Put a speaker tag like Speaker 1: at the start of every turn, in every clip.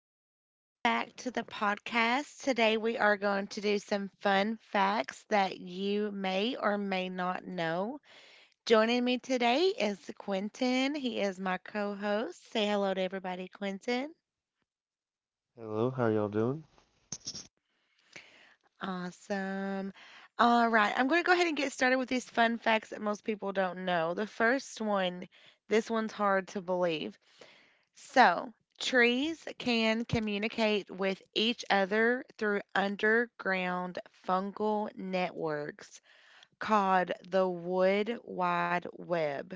Speaker 1: Welcome back to the podcast. Today we are going to do some fun facts that you may or may not know. Joining me today is Quentin. He is my co host. Say hello to everybody, Quentin.
Speaker 2: Hello, how y'all doing?
Speaker 1: Awesome. All right, I'm going to go ahead and get started with these fun facts that most people don't know. The first one, this one's hard to believe. So, trees can communicate with each other through underground fungal networks called the wood wide web.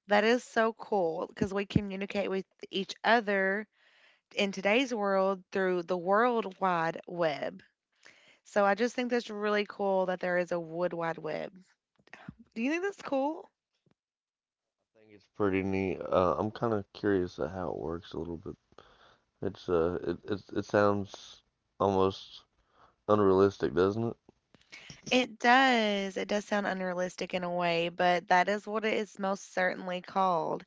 Speaker 1: That is so cool because we communicate with each other in today's world through the world wide web. So, I just think that's really cool that there is a wood wide web. Do you think that's cool?
Speaker 2: I think it's pretty neat. I'm kind of curious at how it works a little bit. It's it sounds almost unrealistic, doesn't it?
Speaker 1: It does. It does sound unrealistic in a way, but that is what it is most certainly called.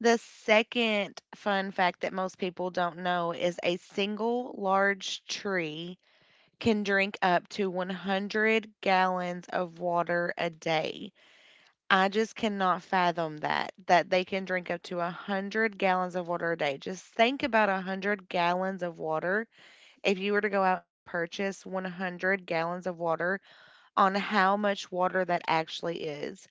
Speaker 1: The second fun fact that most people don't know is a single large tree can drink up to 100 gallons of water a day. I just cannot fathom that they can drink up to 100 gallons of water a day. Just think about 100 gallons of water. If you were to go out and purchase 100 gallons of water, on how much water that actually is.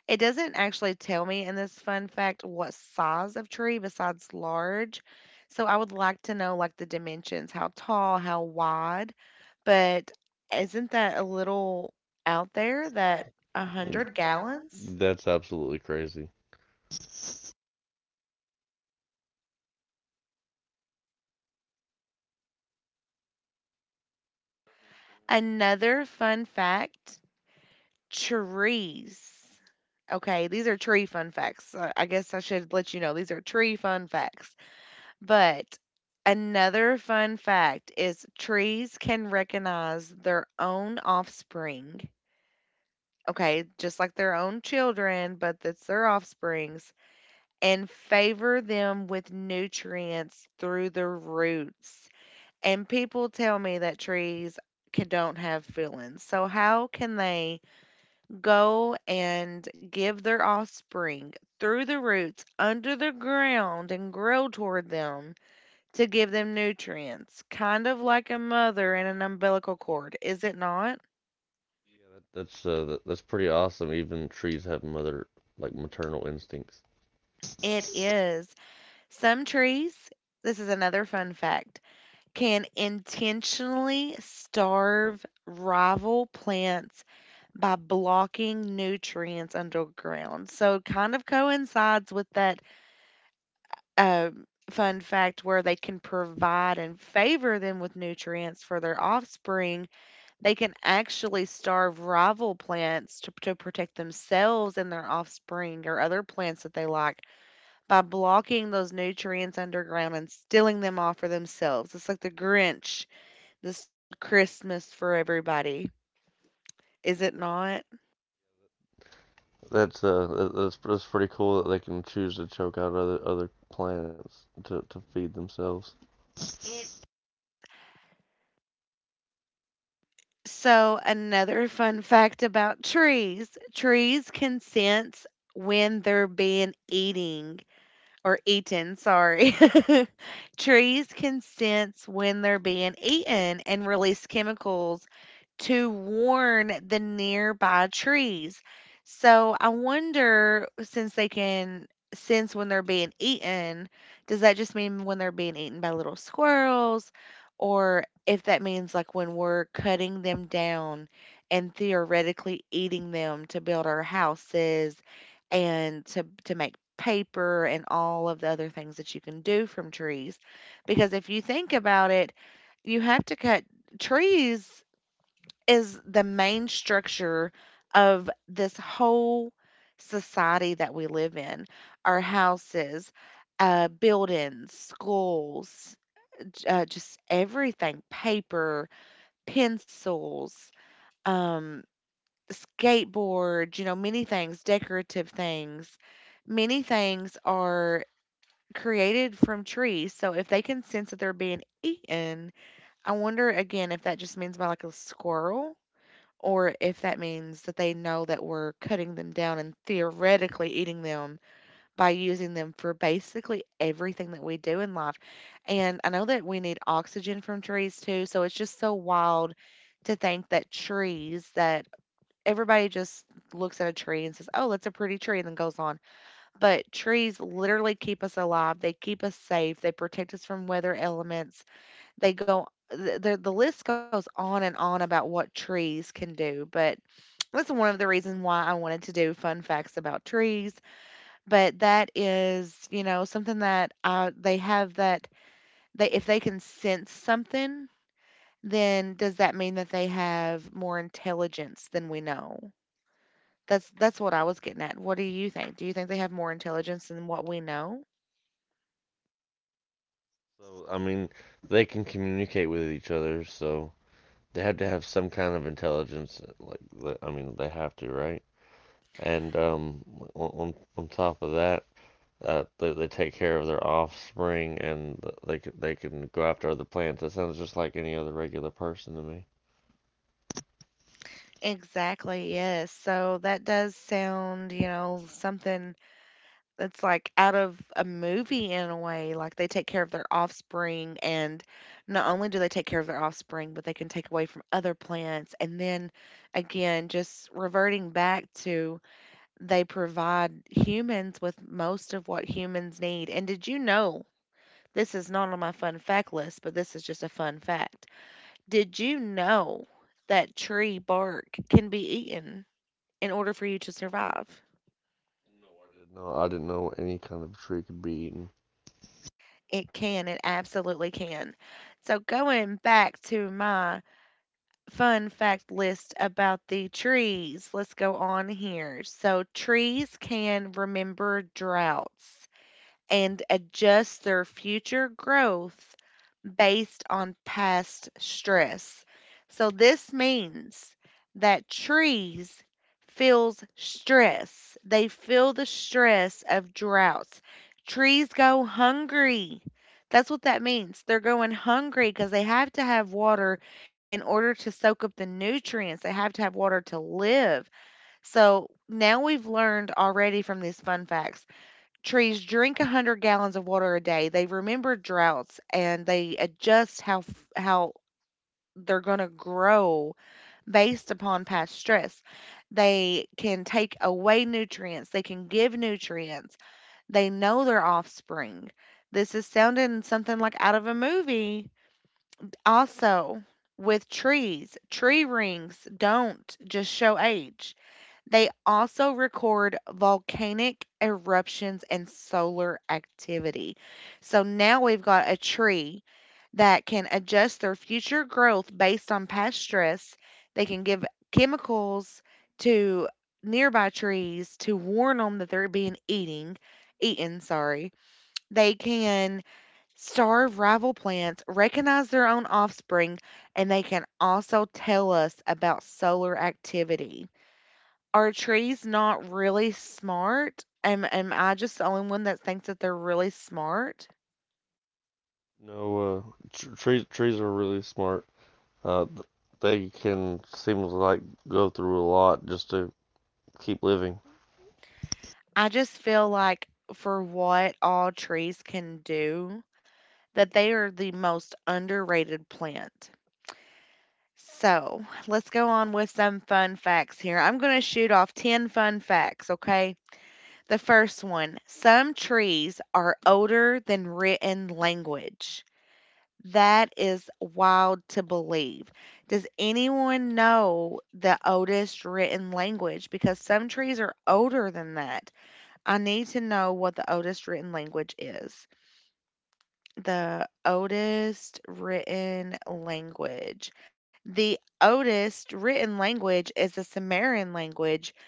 Speaker 1: It doesn't actually tell me in this fun fact what size of tree besides large. So I would like to know like the dimensions, how tall, how wide. But isn't that a little out there
Speaker 2: Is
Speaker 1: that
Speaker 2: that
Speaker 1: a
Speaker 2: a
Speaker 1: 100
Speaker 2: hundred
Speaker 1: gallons?
Speaker 2: gallons? That's absolutely crazy.
Speaker 1: Another fun fact, trees. Okay, these are tree fun facts. I guess I should let you know these are tree fun facts. But another fun fact is trees can recognize their own offspring, okay, just like their own children, but that's their offsprings, and favor them with nutrients through the roots. And people tell me that trees can, don't have feelings. So, how can they go and give their offspring through the roots under the ground and grow toward them to give them nutrients, kind of like a mother and an umbilical cord, is it not?
Speaker 2: That's pretty awesome. Even trees have mother like maternal instincts.
Speaker 1: It
Speaker 2: It
Speaker 1: is. Some trees, this is another fun fact, can intentionally starve rival plants by blocking nutrients underground. So, it kind of coincides with that um, fun fact where they can provide and favor them with nutrients for their offspring. They can actually starve rival plants to protect themselves and their offspring or other plants that they like by blocking those nutrients underground and stealing them all for themselves. It's like the Grinch that stole Christmas for everybody. Is it not?
Speaker 2: That's pretty cool that they can choose to choke out other plants to feed themselves. It
Speaker 1: So, another fun fact about trees, trees can sense when they're being eating or eaten, sorry. Trees can sense when they're being eaten and release chemicals to warn the nearby trees. So I wonder, since they can sense when they're being eaten, does that just mean when they're being eaten by little squirrels, or if that means like when we're cutting them down and theoretically eating them to build our houses and to make paper and all of the other things that you can do from trees? Because if you think about it, you have to cut trees is the main structure of this whole society that we live in, our houses, buildings, schools, just everything, paper, pencils, um, skateboards, you know, many things, decorative things. Many things are created from trees. So if they can sense that they're being eaten, I wonder again if that just means by like a squirrel or if that means that they know that we're cutting them down and theoretically eating them by using them for basically everything that we do in life. And I know that we need oxygen from trees too, so it's just so wild to think that trees that everybody just looks at a tree and says, "Oh, that's a pretty tree," and then goes on. But trees literally keep us alive. They keep us safe. They protect us from weather elements. They go the list goes on and on about what trees can do, but that's one of the reasons why I wanted to do fun facts about trees. But that is, you know, something that they have that they if they can sense something, then does that mean that they have more intelligence than we know? That's what I was getting at. What do you think? Do you think they have more intelligence than what we know?
Speaker 2: So I mean, they can communicate with each other. So they had to have some kind of intelligence. Like, I mean, they have to, right? And on top of that, they take care of their offspring, and they can go after other plants. That sounds just like any other regular person to me.
Speaker 1: Exactly, yes. So that does sound, you know, something. It's like out of a movie in a way, like they take care of their offspring and not only do they take care of their offspring, but they can take away from other plants. And then again, just reverting back to they provide humans with most of what humans need. And did you know, this is not on my fun fact list, but this is just a fun fact. Did you know that tree bark can be eaten in order for you to survive?
Speaker 2: I didn't know any kind of tree could be eaten.
Speaker 1: It can, it absolutely can. So, going back to my fun fact list about the trees, let's go on here. So, trees can remember droughts and adjust their future growth based on past stress. So this means that trees feels stress. They feel the stress of droughts. Trees go hungry. That's what that means. They're going hungry because they have to have water in order to soak up the nutrients. They have to have water to live. So now we've learned already from these fun facts trees drink 100 gallons of water a day. They remember droughts and they adjust how they're going to grow based upon past stress. They can take away nutrients, they can give nutrients. They know their offspring. This is sounding something like out of a movie. Also, with trees, tree rings don't just show age, they also record volcanic eruptions and solar activity. So now we've got a tree that can adjust their future growth based on past stress. They can give chemicals to nearby trees to warn them that they're being eating eaten, sorry. They can starve rival plants, recognize their own offspring, and they can also tell us about solar activity. Are trees not really smart? Am I just the only one that thinks that they're really smart?
Speaker 2: No, trees are really smart. Uh, they can seem to like go through a lot just to keep living.
Speaker 1: I just feel like for what all trees can do, that they are the most underrated plant. So, let's go on with some fun facts here. I'm going to shoot off 10 fun facts, okay? The first one, some trees are older than written language. That is wild to believe. Does anyone know the oldest written language? Because some trees are older than that. I need to know what the oldest written language is. The oldest written language. The oldest written language is the Sumerian language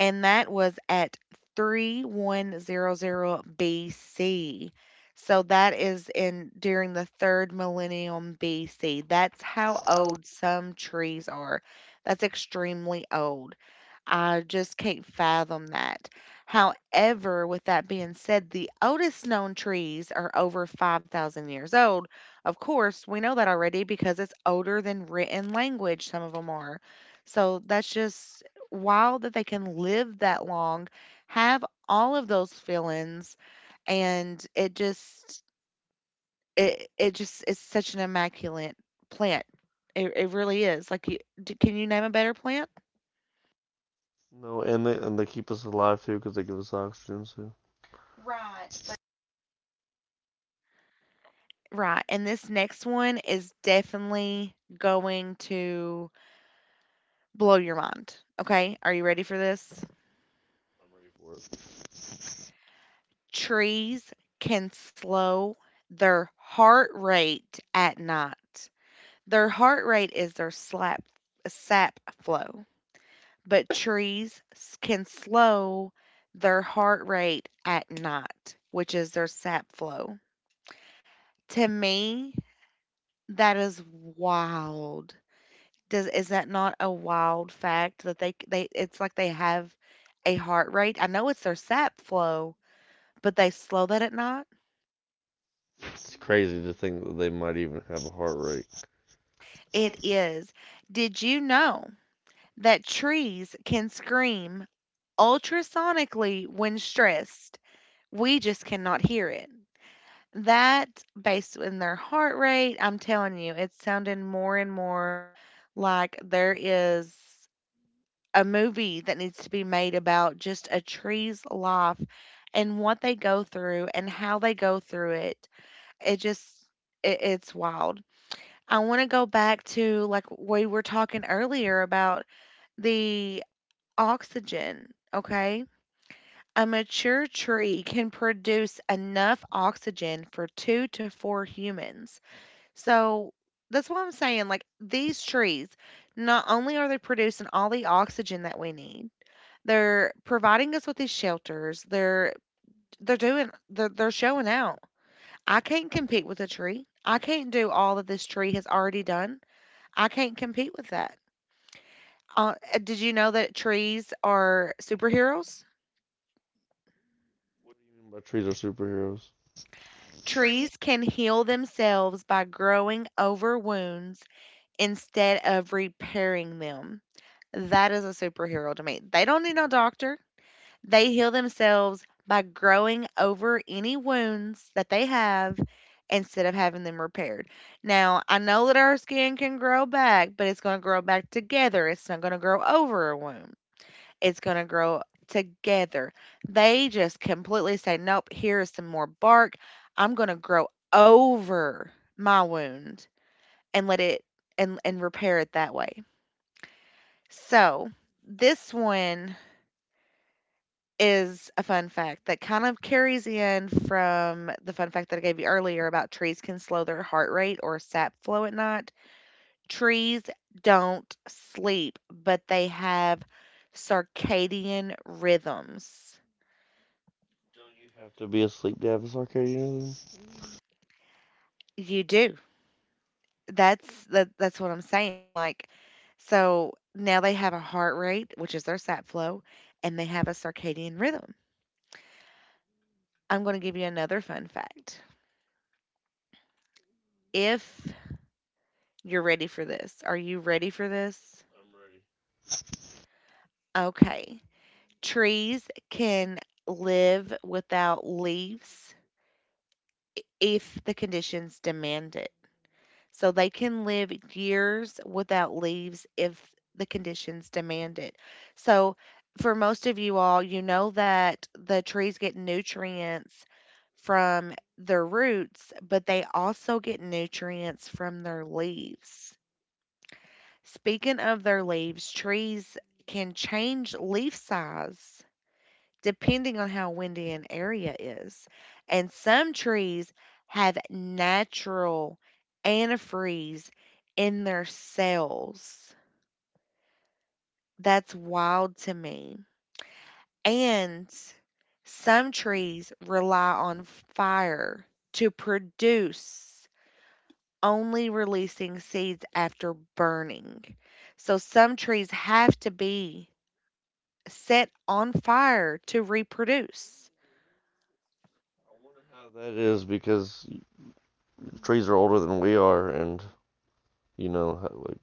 Speaker 1: and that was at 3100 BC. So that is in during the third millennium BC. That's how old some trees are. That's extremely old. I just can't fathom that. However, with that being said, the oldest known trees are over 5,000 years old. Of course, we know that already because it's older than written language, some of them are. So that's just wild that they can live that long, have all of those feelings, and it just is such an immaculate plant. It really is. Like you, can you name a better plant?
Speaker 2: No, and they keep us alive too because they give us oxygen. So. Right.
Speaker 1: Right, and this next one is definitely going to blow your mind. Okay, are you ready for this? Trees can slow their heart rate at night. Their heart rate is their sap flow, but trees can slow their heart rate at night, which is their sap flow. To me, that is wild. Does is that not a wild fact that they it's like they have a heart rate? I know it's their sap flow, but they slow that at night?
Speaker 2: It's crazy to think that they might even have a heart rate.
Speaker 1: It
Speaker 2: It's
Speaker 1: is. Did you know that trees can scream ultrasonically when stressed? We just cannot hear it. That, based in their heart rate, I'm telling you, it's sounding more and more like there is a movie that needs to be made about just a tree's life and what they go through and how they go through it. It just it's wild. I want to go back to like we were talking earlier about the oxygen, okay? A mature tree can produce enough oxygen for 2 to 4 humans. So that's what I'm saying like these trees not only are they producing all the oxygen that we need, they're providing us with these shelters. They're doing they're showing out. I can't compete with a tree. I can't do all that this tree has already done. I can't compete with that. Did you know that trees are superheroes?
Speaker 2: But trees are superheroes. Trees.
Speaker 1: Trees can heal themselves by growing over wounds instead of repairing them. That is a superhero to me. They don't need no doctor. They heal themselves by growing over any wounds that they have instead of having them repaired. Now, I know that our skin can grow back, but it's going to grow back together. It's not going to grow over a wound, it's going to grow together. They just completely say, "Nope, here is some more bark. I'm going to grow over my wound and let it and repair it that way." So, this one is a fun fact that kind of carries in from the fun fact that I gave you earlier about trees can slow their heart rate or sap flow at night. Trees don't sleep, but they have circadian rhythms.
Speaker 2: You'd have to be asleep to have a Arcadianism.
Speaker 1: You do. That's what I'm saying. Like, so now they have a heart rate, which is their sap flow, and they have a circadian rhythm. I'm going to give you another fun fact. If you're ready for this, Are you ready for this? Okay. Trees can live without leaves if the conditions demand it. So they can live years without leaves if the conditions demand it. So for most of you all, you know that the trees get nutrients from their roots, but they also get nutrients from their leaves. Speaking of their leaves, trees can change leaf size depending on how windy an area is. And some trees have natural antifreeze in their cells. That's wild to me. And some trees rely on fire to produce, only releasing seeds after burning. So some trees have to be set on fire to reproduce.
Speaker 2: How that is because trees are older than we are, and you know, like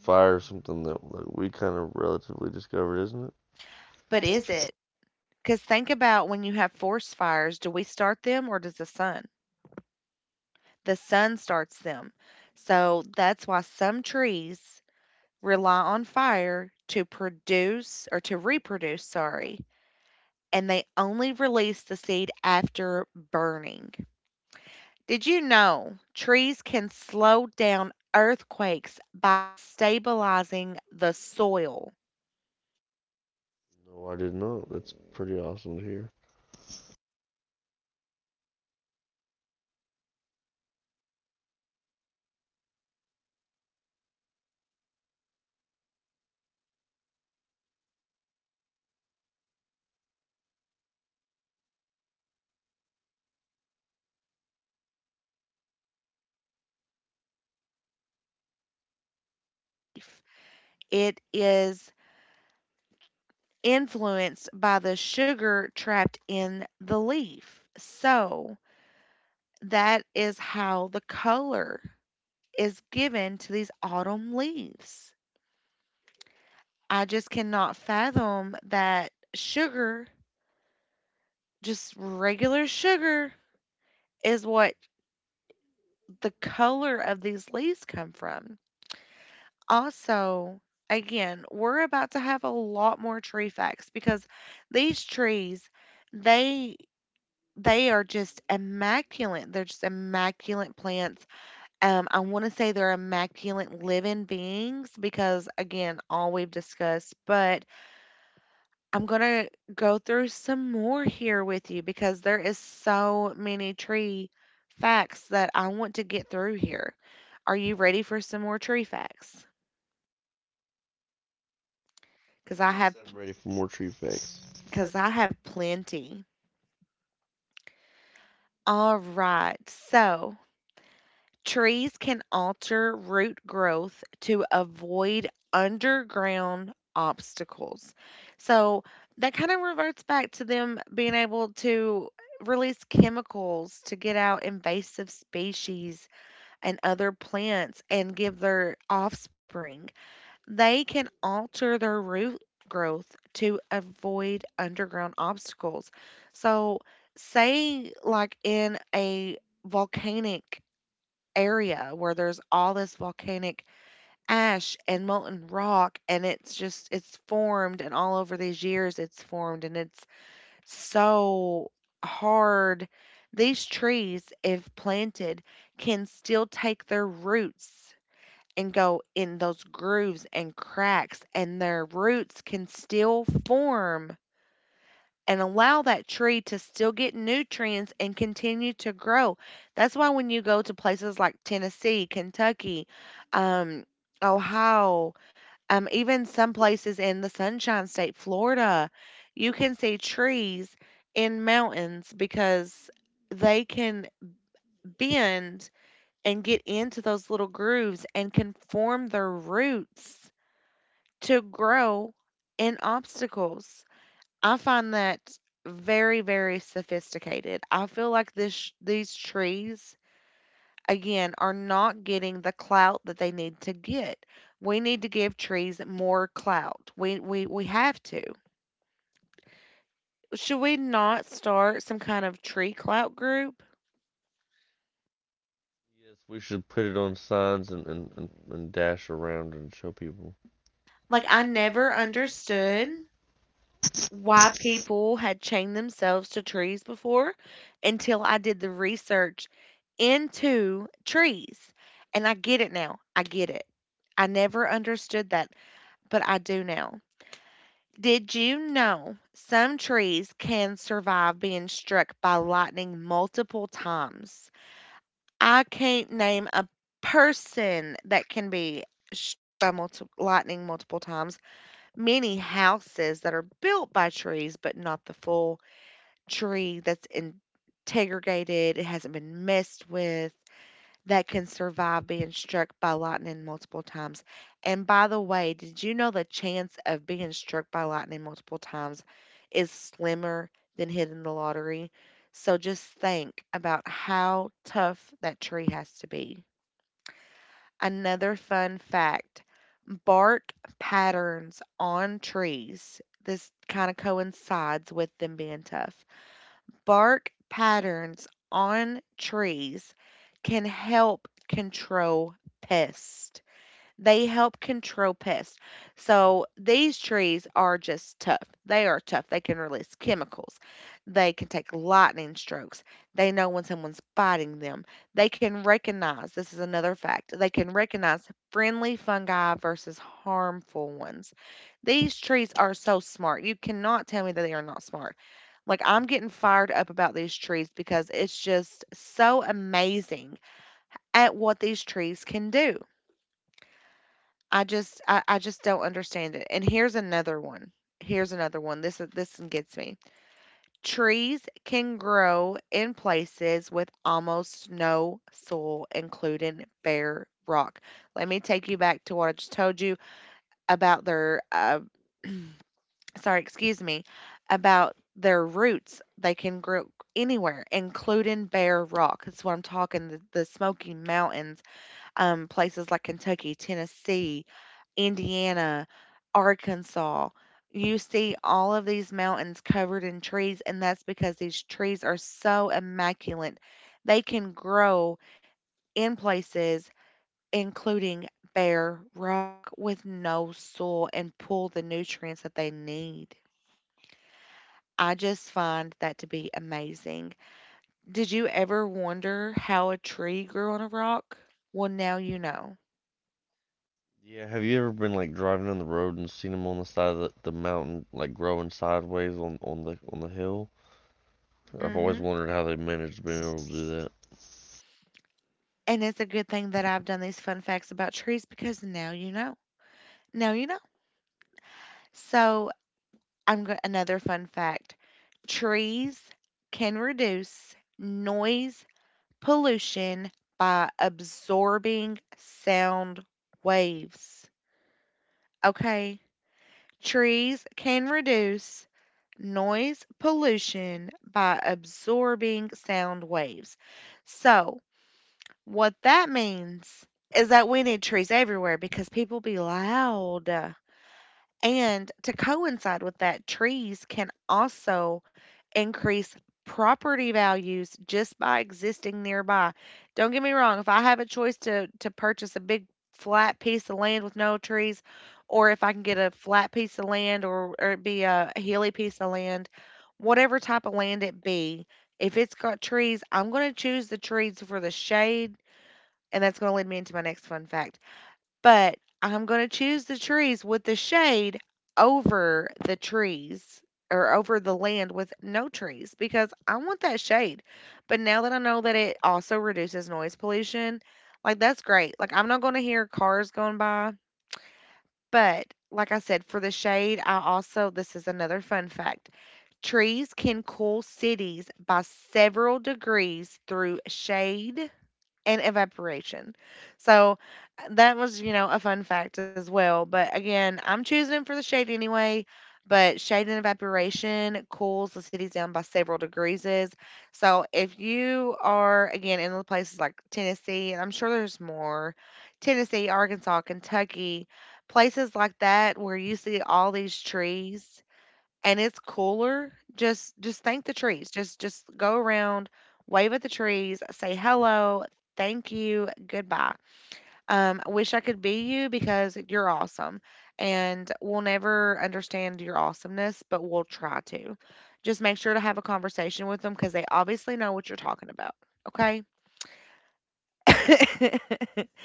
Speaker 2: fire is something that like, we kind of relatively discovered, isn't it? But
Speaker 1: But
Speaker 2: is
Speaker 1: is
Speaker 2: it?
Speaker 1: it? Because think about, when you have forest fires, do we start them or does the sun? The sun starts them. So that's why some trees rely on fire to produce, or to reproduce, sorry, and they only release the seed after burning. Did you know trees can slow down earthquakes by stabilizing the soil?
Speaker 2: No, I did not. That's pretty awesome to hear.
Speaker 1: It is influenced by the sugar trapped in the leaf. So that is how the color is given to these autumn leaves. I just cannot fathom that sugar, just regular sugar, is what the color of these leaves come from. Also, again, we're about to have a lot more tree facts because these trees, they They are just immaculate. They're just immaculate plants. I want to say they're immaculate living beings because, again, all we've discussed. But I'm going to go through some more here with you because there is so many tree facts that I want to get through here. Are you ready for some more tree facts? Because I have
Speaker 2: I'm
Speaker 1: Yes,
Speaker 2: ready for more tree facts.
Speaker 1: because I have plenty. All right. So, trees can alter root growth to avoid underground obstacles. So that kind of reverts back to them being able to release chemicals to get out invasive species and other plants and give their offspring. They can alter their root growth to avoid underground obstacles. So, say, like in a volcanic area where there's all this volcanic ash and molten rock, and it's formed, and all over these years it's formed and it's so hard, these trees if planted can still take their roots and go in those grooves and cracks, and their roots can still form and allow that tree to still get nutrients and continue to grow. That's why when you go to places like Tennessee, Kentucky, um, Ohio, even some places in the Sunshine State, Florida, you can see trees in mountains because they can bend and get into those little grooves and can form their roots to grow in obstacles. I find that very, very sophisticated. I feel like this these trees again are not getting the clout that they need to get. We need to give trees more clout. We have to. Should we not start some kind of tree clout group?
Speaker 2: Yes, we should put it on signs and dash around and show people.
Speaker 1: Like I
Speaker 2: I
Speaker 1: never
Speaker 2: never
Speaker 1: understood
Speaker 2: understood
Speaker 1: why
Speaker 2: YP.
Speaker 1: people had chained themselves to trees before until I did the research into trees. And I get it now. I get it. I never understood that, but I do now. Did you know some trees can survive being struck by lightning multiple times? I can't name a person that can be struck by lightning multiple times. Many houses that are built by trees, but not the full tree that's integrated, it hasn't been messed with, that can survive being struck by lightning multiple times. And by the way, did you know the chance of being struck by lightning multiple times is slimmer than hitting the lottery? So just think about how tough that tree has to be. Another fun fact: bark patterns on trees. This kind of coincides with them being tough. Bark patterns on trees can help control pests. They help control pests. So these trees are just tough. They are tough. They can release chemicals. They can take lightning strokes. They know when someone's biting them. They can recognize, this is another fact, they can recognize friendly fungi versus harmful ones. These trees are so smart. You cannot tell me that they are not smart. Like, I'm getting fired up about these trees because it's just so amazing at what these trees can do. I just don't understand it. And here's another one. Here's another one. This one gets me. Trees can grow in places with almost no soil, including bare rock. Let me take you back to what I just told you about their sorry, excuse me, about their roots. They can grow anywhere, including bare rock. That's what I'm talking. The Smoky Mountains, places like Kentucky, Tennessee, Indiana, Arkansas. You see all of these mountains covered in trees, and that's because these trees are so immaculate. They can grow in places, including bare rock, with no soil, and pull the nutrients that they need. I just find that to be amazing. Did you ever wonder how a tree grew on a rock? Well, now you know.
Speaker 2: Yeah, have you ever been like driving on the road and seen them on the side of the mountain, like growing sideways on, the on the hill? I've always
Speaker 1: Hmm.
Speaker 2: wondered how they managed to be able to do that.
Speaker 1: And it's a good thing that I've done these fun facts about trees, because now you know. Now you know. So I'm going another fun fact. Trees can reduce noise pollution by absorbing sound waves. Okay? Trees can reduce noise pollution by absorbing sound waves. So, what that means is that we need trees everywhere because people be loud. And to coincide with that, trees can also increase property values just by existing nearby. Don't get me wrong, if I have a choice to purchase a big flat piece of land with no trees, or if I can get a flat piece of land, or it be a hilly piece of land, whatever type of land it be, if it's got trees, I'm going to choose the trees for the shade. And that's going to lead me into my next fun fact, but I'm going to choose the trees with the shade over the trees, or over the land with no trees, because I want that shade. But now that I know that it also reduces noise pollution, like that's great. Like I'm not going to hear cars going by, but like I said, for the shade, I also, this is another fun fact. Trees can cool cities by several degrees through shade and evaporation. So that was, a fun fact as well. But again, I'm choosing for the shade anyway. But shade and evaporation cools the cities down by several degrees. So if you are again in the places like Tennessee, and I'm sure there's more, Tennessee, Arkansas, Kentucky, places like that where you see all these trees and it's cooler, just thank the trees. Just go around, wave at the trees, say hello, thank you, goodbye. I wish I could be you because you're awesome, and we'll never understand your awesomeness, but we'll try to. Just make sure to have a conversation with them because they obviously know what you're talking about. Okay.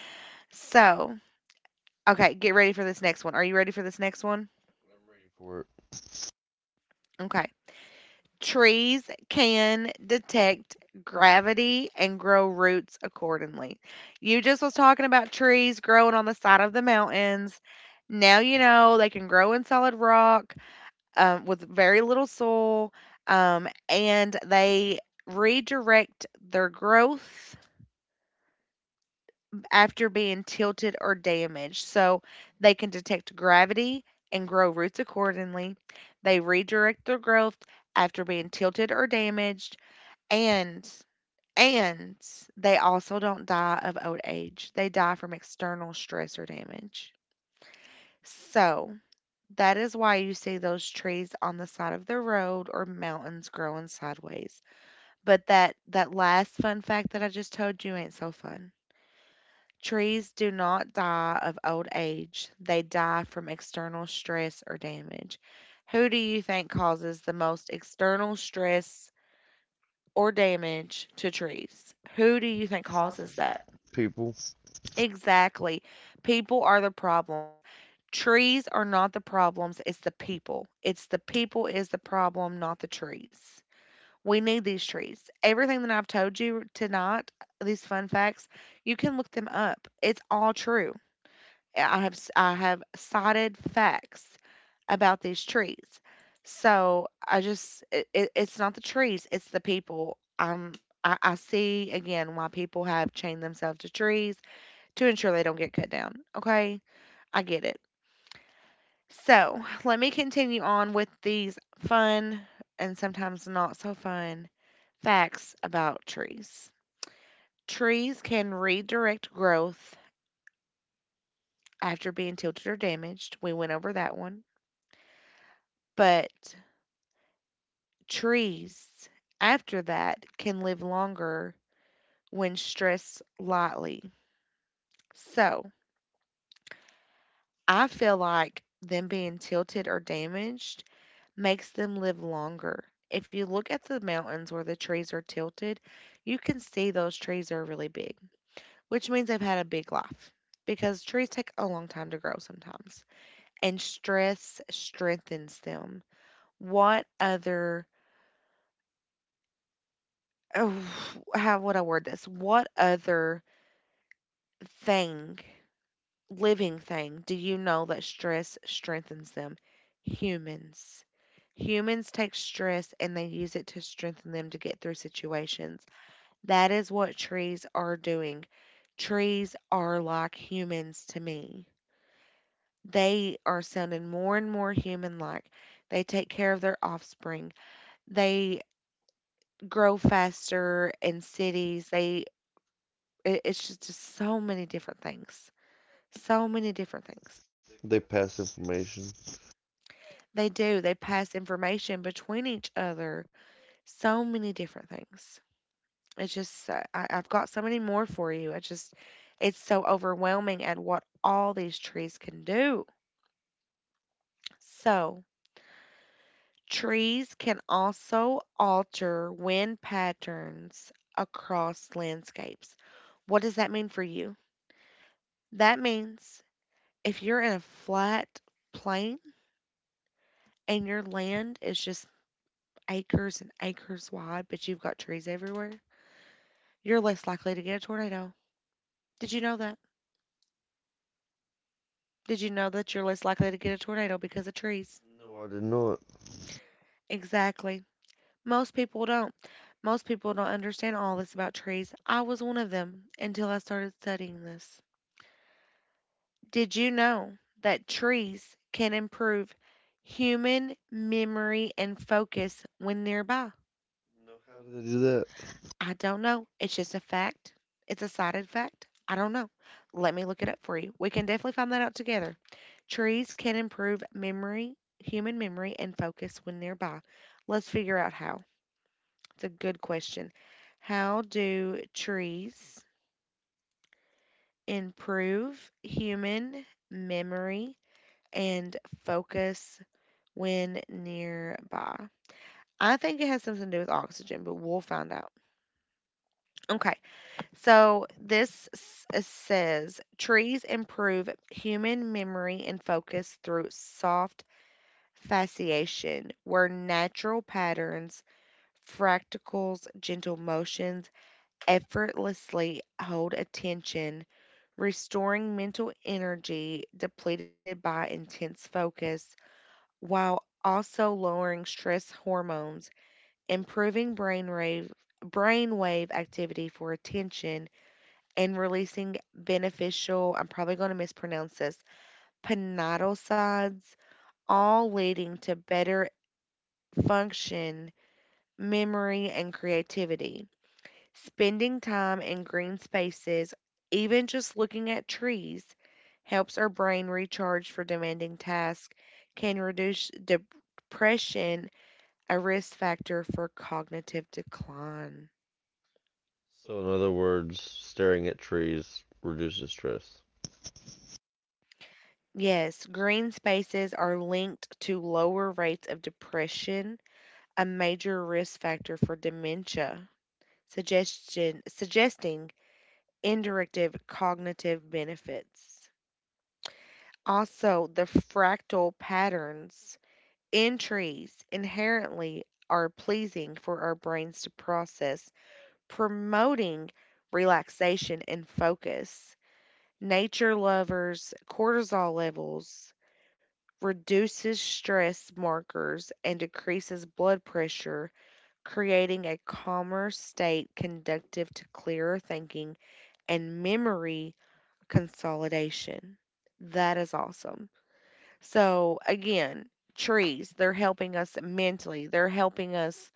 Speaker 1: So, okay, get ready for this next one. Are you ready for this next one?
Speaker 2: Ready for it.
Speaker 1: Okay. Trees can detect gravity and grow roots accordingly. You just was talking about trees growing on the side of the mountains. Now you know they can grow in solid rock, with very little soil, and they redirect their growth after being tilted or damaged. So they can detect gravity and grow roots accordingly. They redirect their growth after being tilted or damaged, and and they also don't die of old age. They die from external stress or damage. So, that is why you see those trees on the side of the road or mountains growing sideways. But that last fun fact that I just told you ain't so fun. Trees do not die of old age. They die from external stress or damage. Who do you think causes the most external stress or damage to trees? Who do you
Speaker 2: What
Speaker 1: think causes
Speaker 2: causes
Speaker 1: that?
Speaker 2: that. People,
Speaker 1: Exactly. People are the problems. Trees are not the problems, it's the people. It's the people is the problem, not the trees. We need these trees. Everything that I've told you tonight, these fun facts, you can look them up. It's all true. I have cited facts about these trees. So I just it, it, it's not the trees, it's the people. I see again why people have chained themselves to trees to ensure they don't get cut down. Okay, I get it. So let me continue on with these fun and sometimes not so fun facts about trees. Trees can redirect growth after being tilted or damaged. We went over that one. But trees, after that, can live longer when stressed lightly. So I feel like them being tilted or damaged makes them live longer. If you look at the mountains where the trees are tilted, you can see those trees are really big, which means they've had a big life because trees take a long time to grow sometimes, and stress strengthens them. What other, oh, how would I word this? What other thing, living thing, do you know that stress strengthens them? Humans. Humans take stress and they use it to strengthen them to get through situations. That is what trees are doing. Trees are like humans to me. They are sounding more and more human like. They take care of their offspring. They grow faster in cities. It's just so many different things. So many different things.
Speaker 2: they pass information.
Speaker 1: They do. They pass information between each other. So many different things. It's just I've got so many more for you. I just it's so overwhelming at what all these trees can do. So, trees can also alter wind patterns across landscapes. What does that mean for you? That means if you're in a flat plain and your land is just acres and acres wide, but you've got trees everywhere, you're less likely to get a tornado. Did you know that? Did you know that you're less likely to get a tornado because of trees?
Speaker 2: No, I did not.
Speaker 1: Exactly. Most people don't. Most people don't understand all this about trees. I was one of them until I started studying this. Did you know that trees can improve human memory and focus when nearby?
Speaker 2: How do they do that?
Speaker 1: I don't know. It's just a fact. It's a cited fact. I don't know. Let me look it up for you. We can definitely find that out together. Trees can improve memory, human memory, and focus when nearby. Let's figure out how. It's a good question. How do trees improve human memory and focus when nearby? I think it has something to do with oxygen, but we'll find out. Okay, so says trees improve human memory and focus through soft fasciation, where natural patterns, fractals, gentle motions effortlessly hold attention restoring mental energy depleted by intense focus, while also lowering stress hormones, improving brainwave activity for attention, and releasing beneficial, I'm probably going to mispronounce this, pannotosides, all leading to better function, memory, and creativity. Spending time in green spaces, even just looking at trees, helps our brain recharge for demanding tasks, can reduce depression, a risk factor for cognitive decline.
Speaker 2: So, in other words, staring at trees reduces stress.
Speaker 1: Yes, green spaces are linked to lower rates of depression, a major risk factor for dementia, suggesting indirective cognitive benefits. Also, the fractal patterns entries inherently are pleasing for our brains to process, promoting relaxation and focus. Nature lovers, cortisol levels, reduces stress markers, and decreases blood pressure, creating a calmer state conducive to clearer thinking and memory consolidation. That is awesome. So again, trees, they're helping us mentally, they're helping us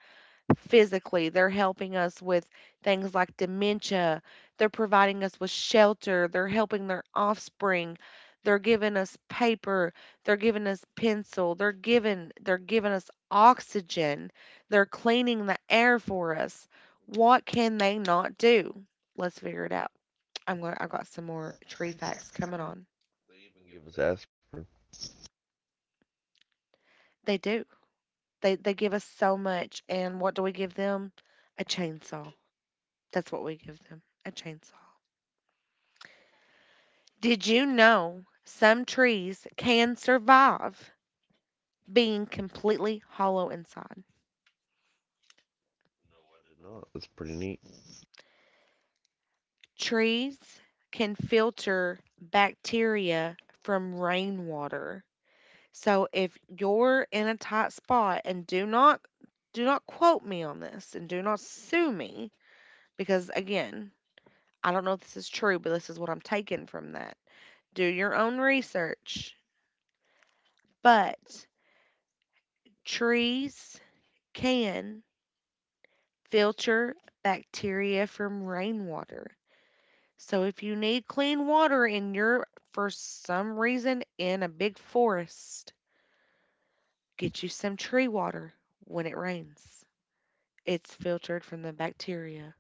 Speaker 1: physically, they're helping us with things like dementia, they're providing us with shelter, they're helping their offspring, they're giving us paper, they're giving us pencil, they're giving us oxygen, they're cleaning the air for us. What can they not do? Let's figure it out. I'm going to I got some more
Speaker 2: More
Speaker 1: tree
Speaker 2: tree
Speaker 1: facts
Speaker 2: facts
Speaker 1: coming
Speaker 2: coming on.
Speaker 1: on.
Speaker 2: They even give us aspirin.
Speaker 1: They do. They give us so much, and what do we give them? A chainsaw. That's what we give them, a chainsaw. Did you know some trees can survive being completely hollow inside?
Speaker 2: I did not. That's pretty neat.
Speaker 1: Trees can filter bacteria from rainwater. So if you're in a tight spot and do not quote me on this and do not sue me because again, I don't know if this is true, but this is what I'm taking from that do your own research, but trees can filter bacteria from rainwater. So if you need clean water and you're for some reason in a big forest, get you some tree water when it rains. It's filtered from the bacteria.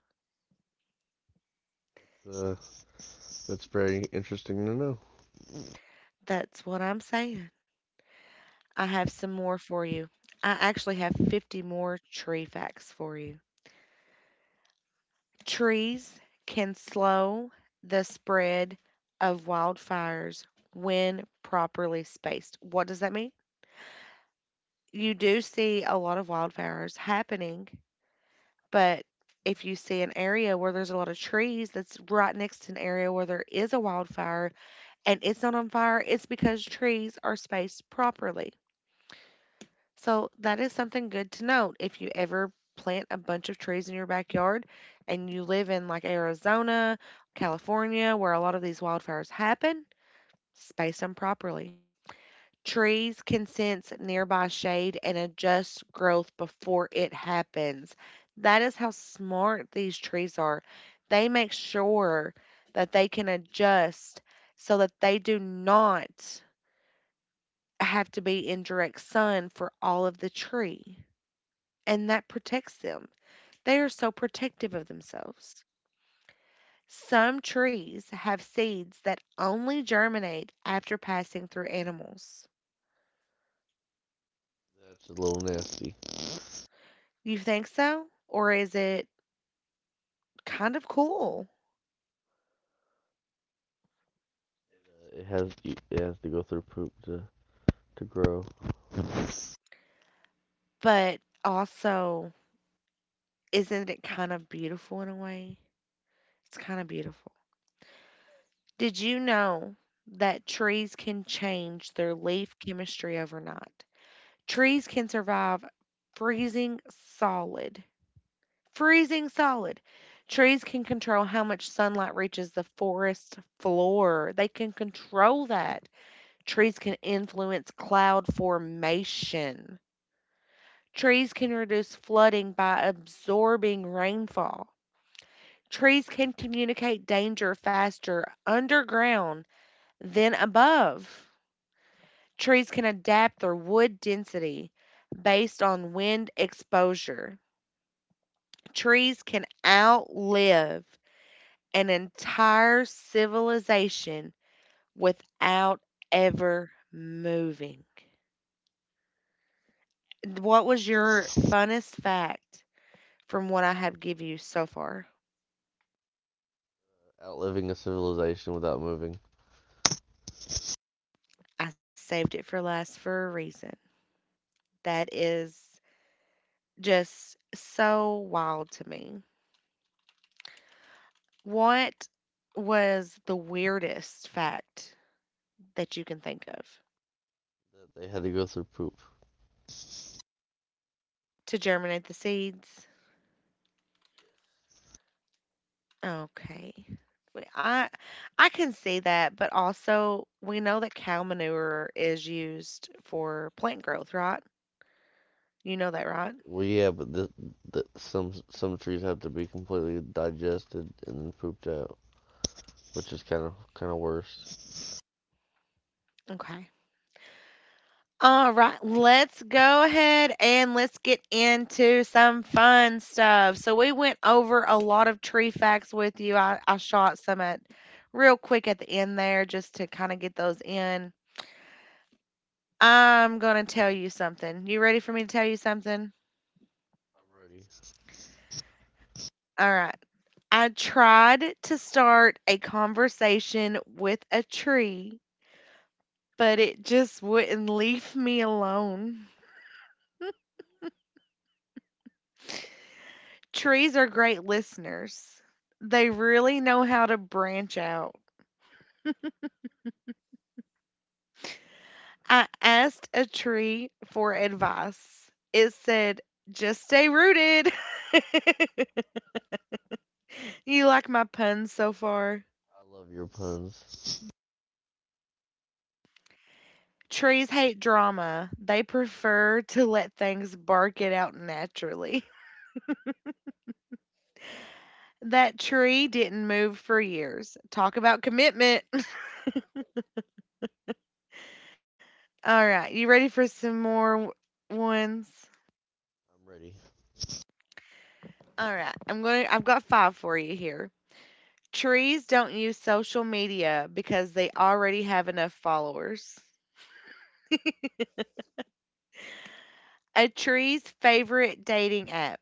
Speaker 2: Uh, that's very interesting to know.
Speaker 1: That's what I'm saying. I have some more for you. I actually have 50 more tree facts for you. Trees can slow the spread of wildfires when properly spaced. What does that mean? You do see a lot of wildfires happening, but if you see an area where there's a lot of trees that's right next to an area where there is a wildfire and it's not on fire, it's because trees are spaced properly. So that is something good to note. If you ever plant a bunch of trees in your backyard and you live in like Arizona, California, where a lot of these wildfires happen, space them properly. Trees can sense nearby shade and adjust growth before it happens. That is how smart these trees are. They make sure that they can adjust so that they do not have to be in direct sun for all of the tree and that protects them. They are so protective of themselves. Some trees have seeds that only germinate after passing through animals.
Speaker 2: That's a little nasty.
Speaker 1: You think so? Or is it kind of cool?
Speaker 2: It has to go through poop to grow.
Speaker 1: But also, isn't it kind of beautiful in a way? It's kind of beautiful. Did you know that trees can change their leaf chemistry overnight? Trees can survive freezing solid freezing solid. Trees can control how much sunlight reaches the forest floor. They can control that. Trees can influence cloud formation. Trees can reduce flooding by absorbing rainfall. Trees can communicate danger faster underground than above. Trees can adapt their wood density based on wind exposure. Trees can outlive an entire civilization without ever moving. What was your funnest fact from what I have give you so far?
Speaker 2: Outliving a civilization without moving,
Speaker 1: I saved it for last for a reason. That is just so wild to me. What was the weirdest fact that you can think of
Speaker 2: they had to go through poop.
Speaker 1: to germinate the seeds? Okay. But I can see that, but also we know that cow manure is used for plant growth, right? You know that, right?
Speaker 2: Well, yeah, but the some trees have to be completely digested and then pooped out, which is kind of worse.
Speaker 1: Okay. All right, let's go ahead and let's get into some fun stuff. So we went over a lot of tree facts with you. I shot some at real quick at the end there just to kind of get those in. I'm gonna tell you something. You ready for me to tell you something? All right. I tried to start a conversation with a tree, but it just wouldn't leave me alone. Trees are great listeners. They really know how to branch out. I asked a tree for advice. It said, just stay rooted. you like my puns so far?
Speaker 2: I love your puns.
Speaker 1: Trees hate drama. They prefer to let things bark it out naturally. That tree didn't move for years. Talk about commitment. All right, you ready for some more ones?
Speaker 2: I'm ready.
Speaker 1: All right, I'm going to I've got 5 for you here. Trees don't use social media because they already have enough followers. A tree's favorite dating app.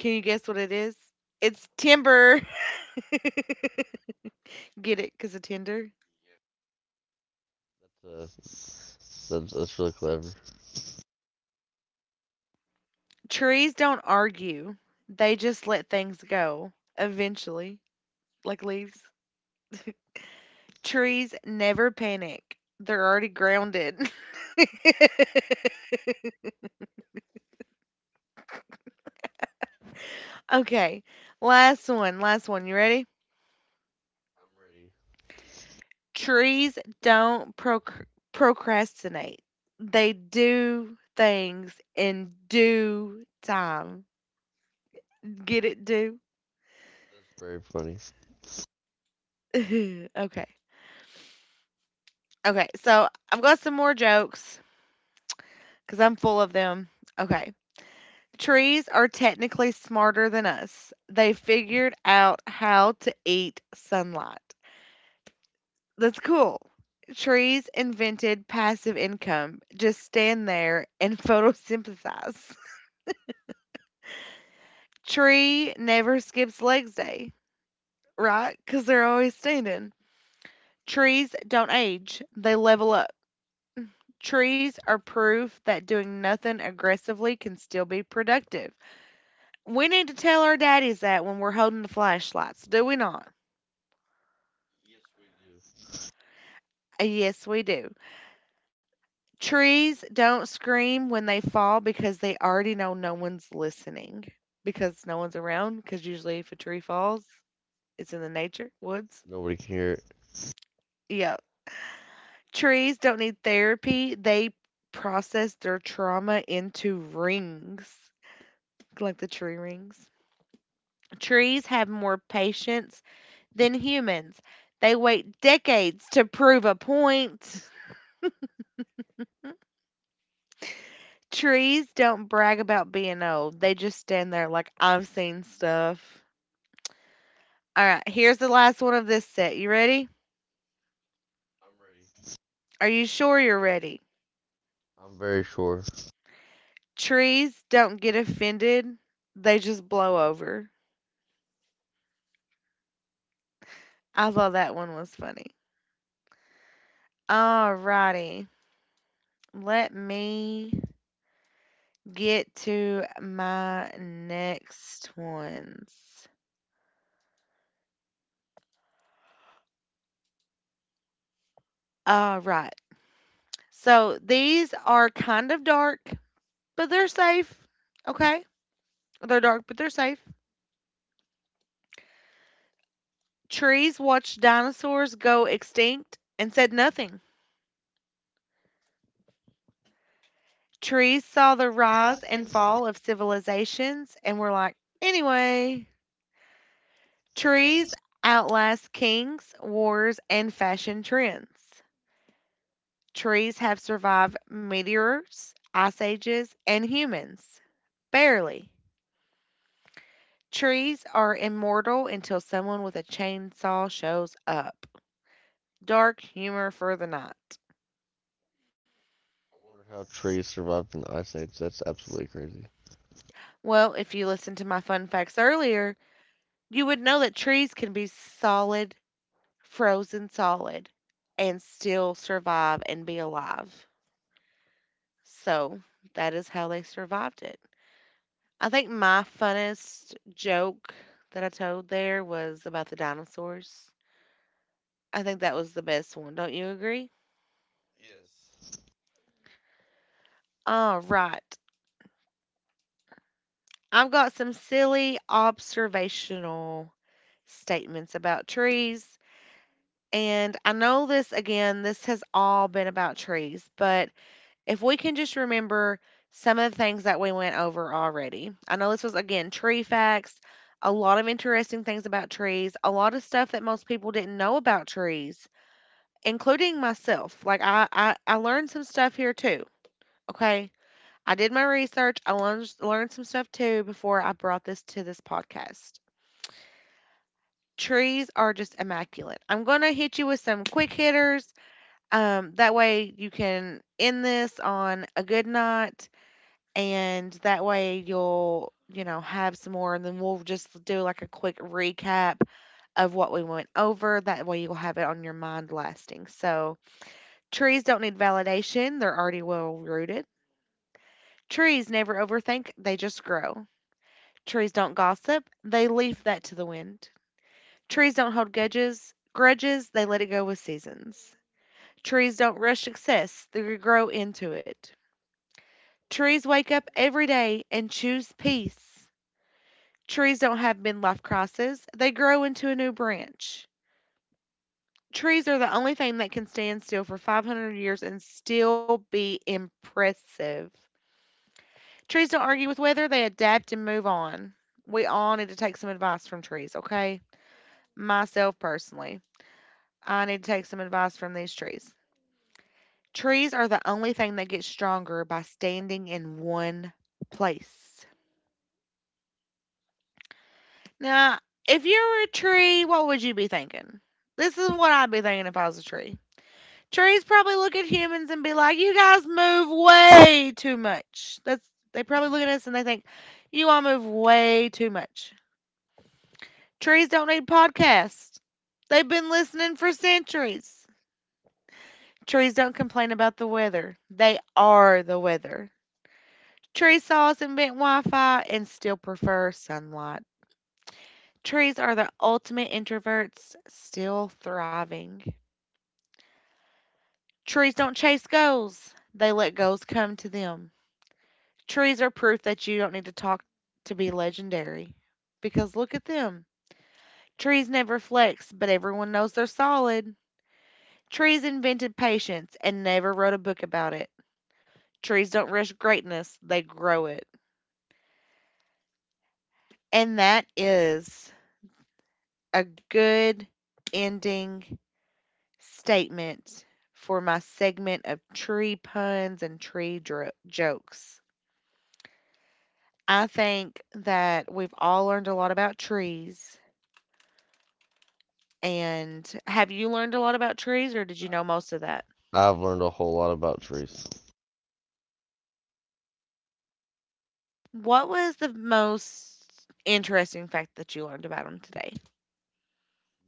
Speaker 1: Can you guess what it is? It's Timber. Get it? Cuz of Tinder.
Speaker 2: So, that's really clever. I'm
Speaker 1: Trees don't argue. They just let things go eventually, like leaves. Trees never panic. They're already grounded. okay, last one, last one. You ready?
Speaker 2: ready.
Speaker 1: Trees don't procrastinate. They do things in due time. Get it? Due.
Speaker 2: It's very funny.
Speaker 1: okay. Okay, so I've got some more jokes because I'm full of them. Okay. Trees are technically smarter than us. They figured out how to eat sunlight. That's cool. Trees invented passive income. Just stand there and photosynthesize. Tree never skips legs day, right? Because they're always standing. Trees don't age, they level up. Trees are proof that doing nothing aggressively can still be productive. We need to tell our daddies that when we're holding the flashlights, do we not? Yes, we do. Trees don't scream when they fall because they already know no one's listening because no one's around. Because usually, if a tree falls, it's in the nature, woods.
Speaker 2: Nobody can hear it.
Speaker 1: Yeah. Trees don't need therapy, they process their trauma into rings, like the tree rings. Trees have more patience than humans. They wait decades to prove a point. Trees don't brag about being old. They just stand there like, I've seen stuff. All right, here's the last one of this set. You ready? Are you sure you're ready?
Speaker 2: I'm very sure.
Speaker 1: Trees don't get offended. They just blow over. I thought that one was funny. All righty. Let me get to my next ones. All right. So these are kind of dark, but they're safe. Okay? They're dark, but they're safe. Trees watched dinosaurs go extinct and said nothing. Trees saw the rise
Speaker 2: Survive
Speaker 1: and
Speaker 2: and
Speaker 1: fall
Speaker 2: fall.
Speaker 1: of civilizations and were like, anyway. Trees
Speaker 2: Trees.
Speaker 1: outlast kings, wars, and fashion trends. Trees have survived meteors, ice ages, and humans. Barely. Trees are immortal until someone with a chainsaw shows up. Dark humor for the night.
Speaker 2: I wonder how trees survived in the ice age. That's absolutely crazy.
Speaker 1: Well, if you listened to my fun facts earlier, you would know that trees can be solid, frozen solid, and still survive and be alive. So that is how they survived it. I think my funnest joke that I told there was about the dinosaurs. I think that was the best one. Don't you agree?
Speaker 2: Yes.
Speaker 1: All right. I've got some silly observational statements about trees. And I know this again, this has all been about trees, but if we can just remember some of the things that we went over already. I know this was again tree facts, a lot of interesting things about trees, a lot of stuff that most people didn't know about trees, including myself. Like I learned some stuff here too. Okay. I did my research. I learned some stuff too before I brought this to this podcast. Trees are just immaculate. I'm going to hit you with some quick hitters. That way you can end this on a good night, and that way you'll, have some more, and then we'll just do like a quick recap of what we went over. That way you'll have it on your mind lasting. So, trees don't need validation, they're already well rooted. Trees never overthink, they just grow. Trees don't gossip, they leave that to the wind. Trees don't hold grudges, they let it go with seasons. Trees don't rush success, they grow into it. Trees wake up every day and choose peace. Trees don't have midlife crises, they grow into a new branch. Trees are the only thing that can stand still for 500 years and still be impressive. Trees don't argue with weather, they adapt and move on. We all need to take some advice from trees, okay? Myself personally, I need to take some advice from these trees. Trees are the only thing that gets stronger by standing in one place. Now, if you were a tree, what would you be thinking? This is what I'd be thinking if I was a tree. Trees probably look at humans and be like, "You guys move way too much." That's they probably look at us and they think, "You all move way too much." Trees don't need podcasts. They've been listening for centuries. Trees don't complain about the weather. They are the weather. Trees saw us invent Wi-Fi and still prefer sunlight. Trees are the ultimate introverts, still thriving. Trees don't chase goals. They let goals come to them. Trees are proof that you don't need to talk to be legendary. Because look at them. Trees never flex, but everyone knows they're solid. Trees invented patience and never wrote a book about it. Trees don't rush greatness, they grow it. And that is a good ending statement for my segment of tree puns and tree jokes. I think that we've all learned a lot about trees. And have you learned a lot about trees or did you know most of that?
Speaker 2: I've learned a whole lot about trees.
Speaker 1: What was the most interesting fact that you learned about them today?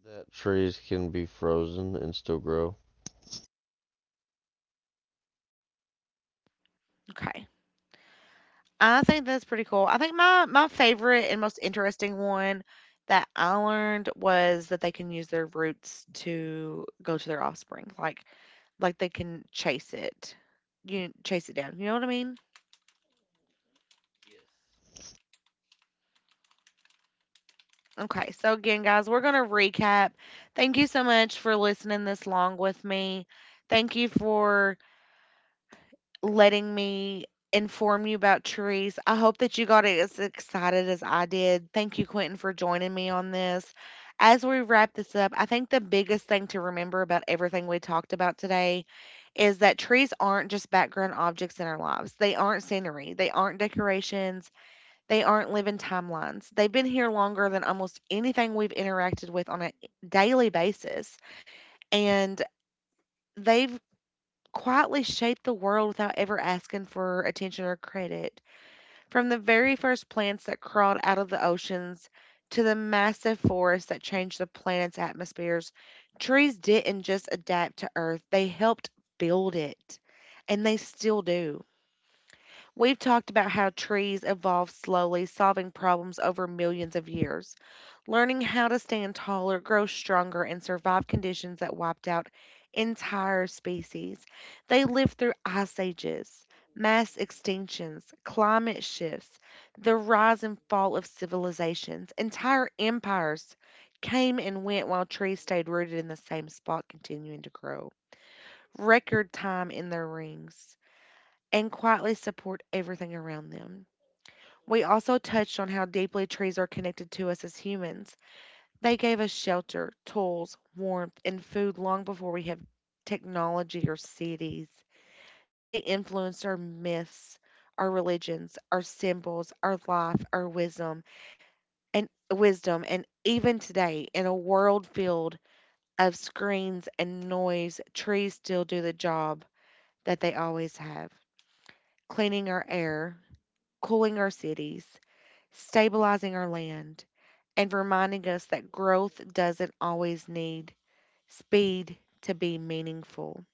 Speaker 2: That trees can be frozen and still grow.
Speaker 1: Okay. I think that's pretty cool. I think my favorite and most interesting one that I learned was that they can use their roots to go to their offspring. Like they can chase it. You chase it down. You know what I mean?
Speaker 2: Yes.
Speaker 1: Okay, so again, guys, we're going to recap. Thank you so much for listening this long with me. Thank you for letting me inform you about trees. I hope that you got as excited as I did. Thank you, Quentin, for joining me on this. As we wrap this up, I think the biggest thing to remember about everything we talked about today is that trees aren't just background objects in our lives. They aren't scenery, they aren't decorations, they aren't living timelines. They've been here longer than almost anything we've interacted with on a daily basis. And they've quietly shaped the world without ever asking for attention or credit. From the very first plants that crawled out of the oceans to the massive forests that changed the planet's atmospheres, trees didn't just adapt to Earth, they helped build it. And they still do. We've talked about how trees evolved slowly, solving problems over millions of years. Learning how to stand taller, grow stronger, and survive conditions that wiped out entire species. They lived through ice ages, mass extinctions, climate shifts, the rise and fall of civilizations. Entire empires came and went while trees stayed rooted in the same spot, continuing to grow. Record time in their rings and quietly support everything around them. We also touched on how deeply trees are connected to us as humans. They gave us shelter, tools, warmth, and food long before we have technology or cities. They influenced our myths, our religions, our symbols, our life, our wisdom, and wisdom, and even today, in a world filled of screens and noise, trees still do the job that they always have, cleaning our air, cooling our cities, stabilizing our land, and reminding us that growth doesn't always need speed to be meaningful.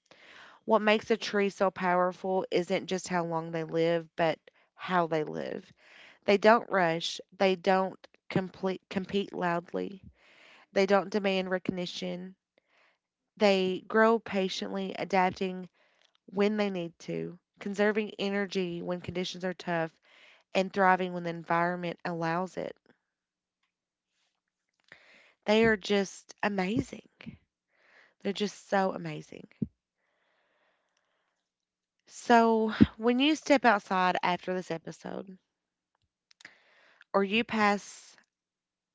Speaker 1: What makes a tree so powerful isn't just how long they live, but how they live. They don't rush, they don't compete loudly, they don't demand recognition. They grow patiently, adapting when they need to, conserving energy when conditions are tough, and thriving when the environment allows it. They are just amazing. They're just so amazing. So, when you step outside after this episode, or you pass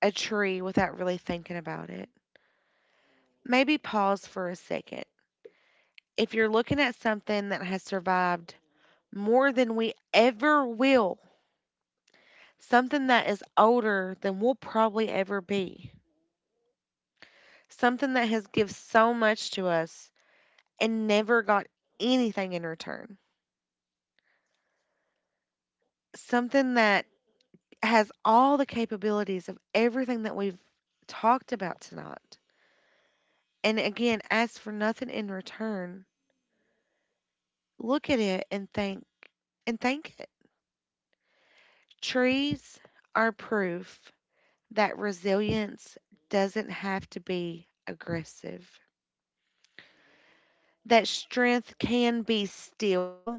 Speaker 1: a tree without really thinking about it, maybe pause for a second. If you're looking at something that has survived more than we ever will, something that is older than we'll probably ever be, something that has given so much to us and never got anything in return, something that has all the capabilities of everything that we've talked about tonight. And again, ask for nothing in return. Look at it and thank it. Trees are proof that resilience doesn't have to be aggressive. That strength can be still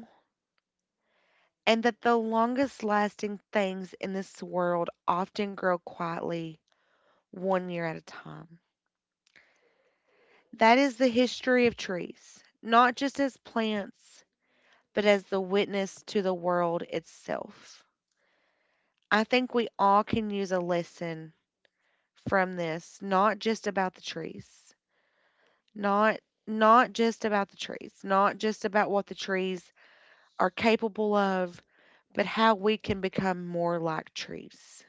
Speaker 1: and that the longest lasting things in this world often grow quietly 1 year at a time. That is the history of trees, not just as plants, but as the witness to the world itself. I think we all can use a lesson from this, not just about the trees, not not just about the trees, not just about what the trees are capable of, but how we can become more like trees.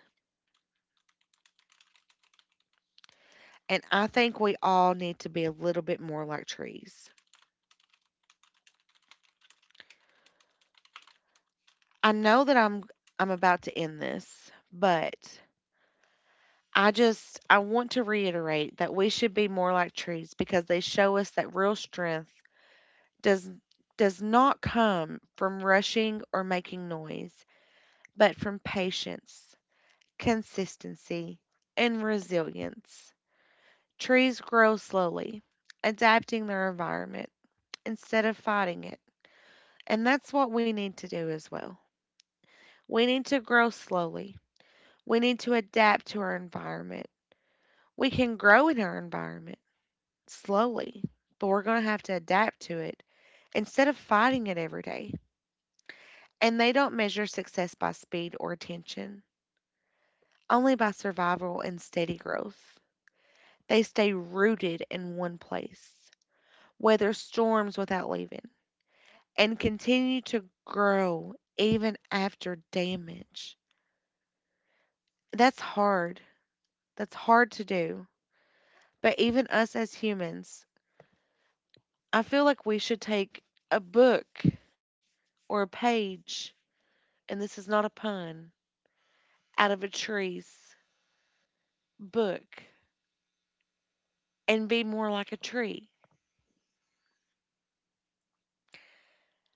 Speaker 1: And I think we all need to be a little bit more like trees. I know that I'm about to end this, but I want to reiterate that we should be more like trees because they show us that real strength does does not come from rushing or making noise, but from patience, consistency, and resilience. Trees grow slowly, adapting their environment instead of fighting it. And that's what we need to do as well. We need to grow slowly. We need to adapt to our environment. We can grow in our environment. Slowly, but we're going to have to adapt to it instead of fighting it every day. And they don't measure success by speed or attention, only by survival and steady growth. They stay rooted in one place, weather storms without leaving, and continue to grow even after damage. That's hard. That's hard to do. But even us as humans, I feel like we should take a book or a page, and this is not a pun, out of a tree's book and be more like a tree?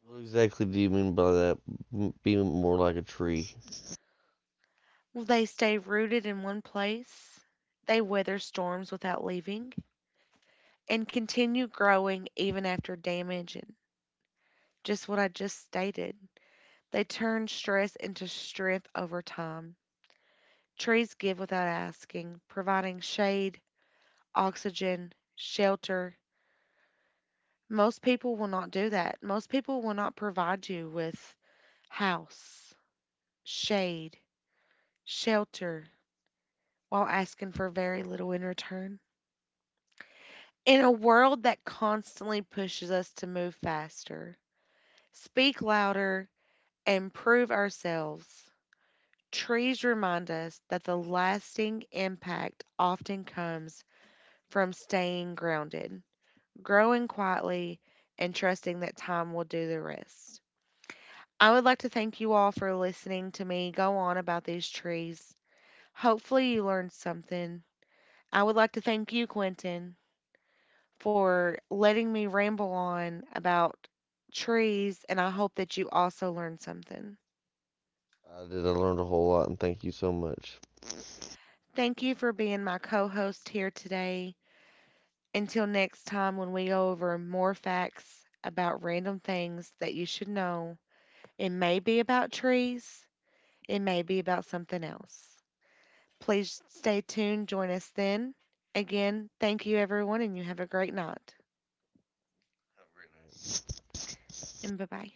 Speaker 2: What exactly do you mean by that? M- being more like a tree.
Speaker 1: Will they stay rooted in one place? They weather storms without leaving and continue growing even after damage and just what I just stated. They turn stress into strength over time. Trees give without asking, providing shade, oxygen, shelter. Most people will not do that. Most people will not provide you with house, shade, shelter, while asking for very little in return. In a world that constantly pushes us to move faster, speak louder, and prove ourselves, trees remind us that the lasting impact often comes from staying grounded, growing quietly, and trusting that time will do the rest. I would like to thank you all for listening to me go on about these trees. Hopefully, you learned something. I would like to thank you, Quentin, for letting me ramble on about trees, and I hope that you also learned something.
Speaker 2: I did. I learned a whole lot, and thank you so much.
Speaker 1: Thank you for being my co host here today. Until next time, when we go over more facts about random things that you should know, it may be about trees, it may be about something else. Please stay tuned, join us then. Again, thank you everyone, and you have a great night. And bye bye.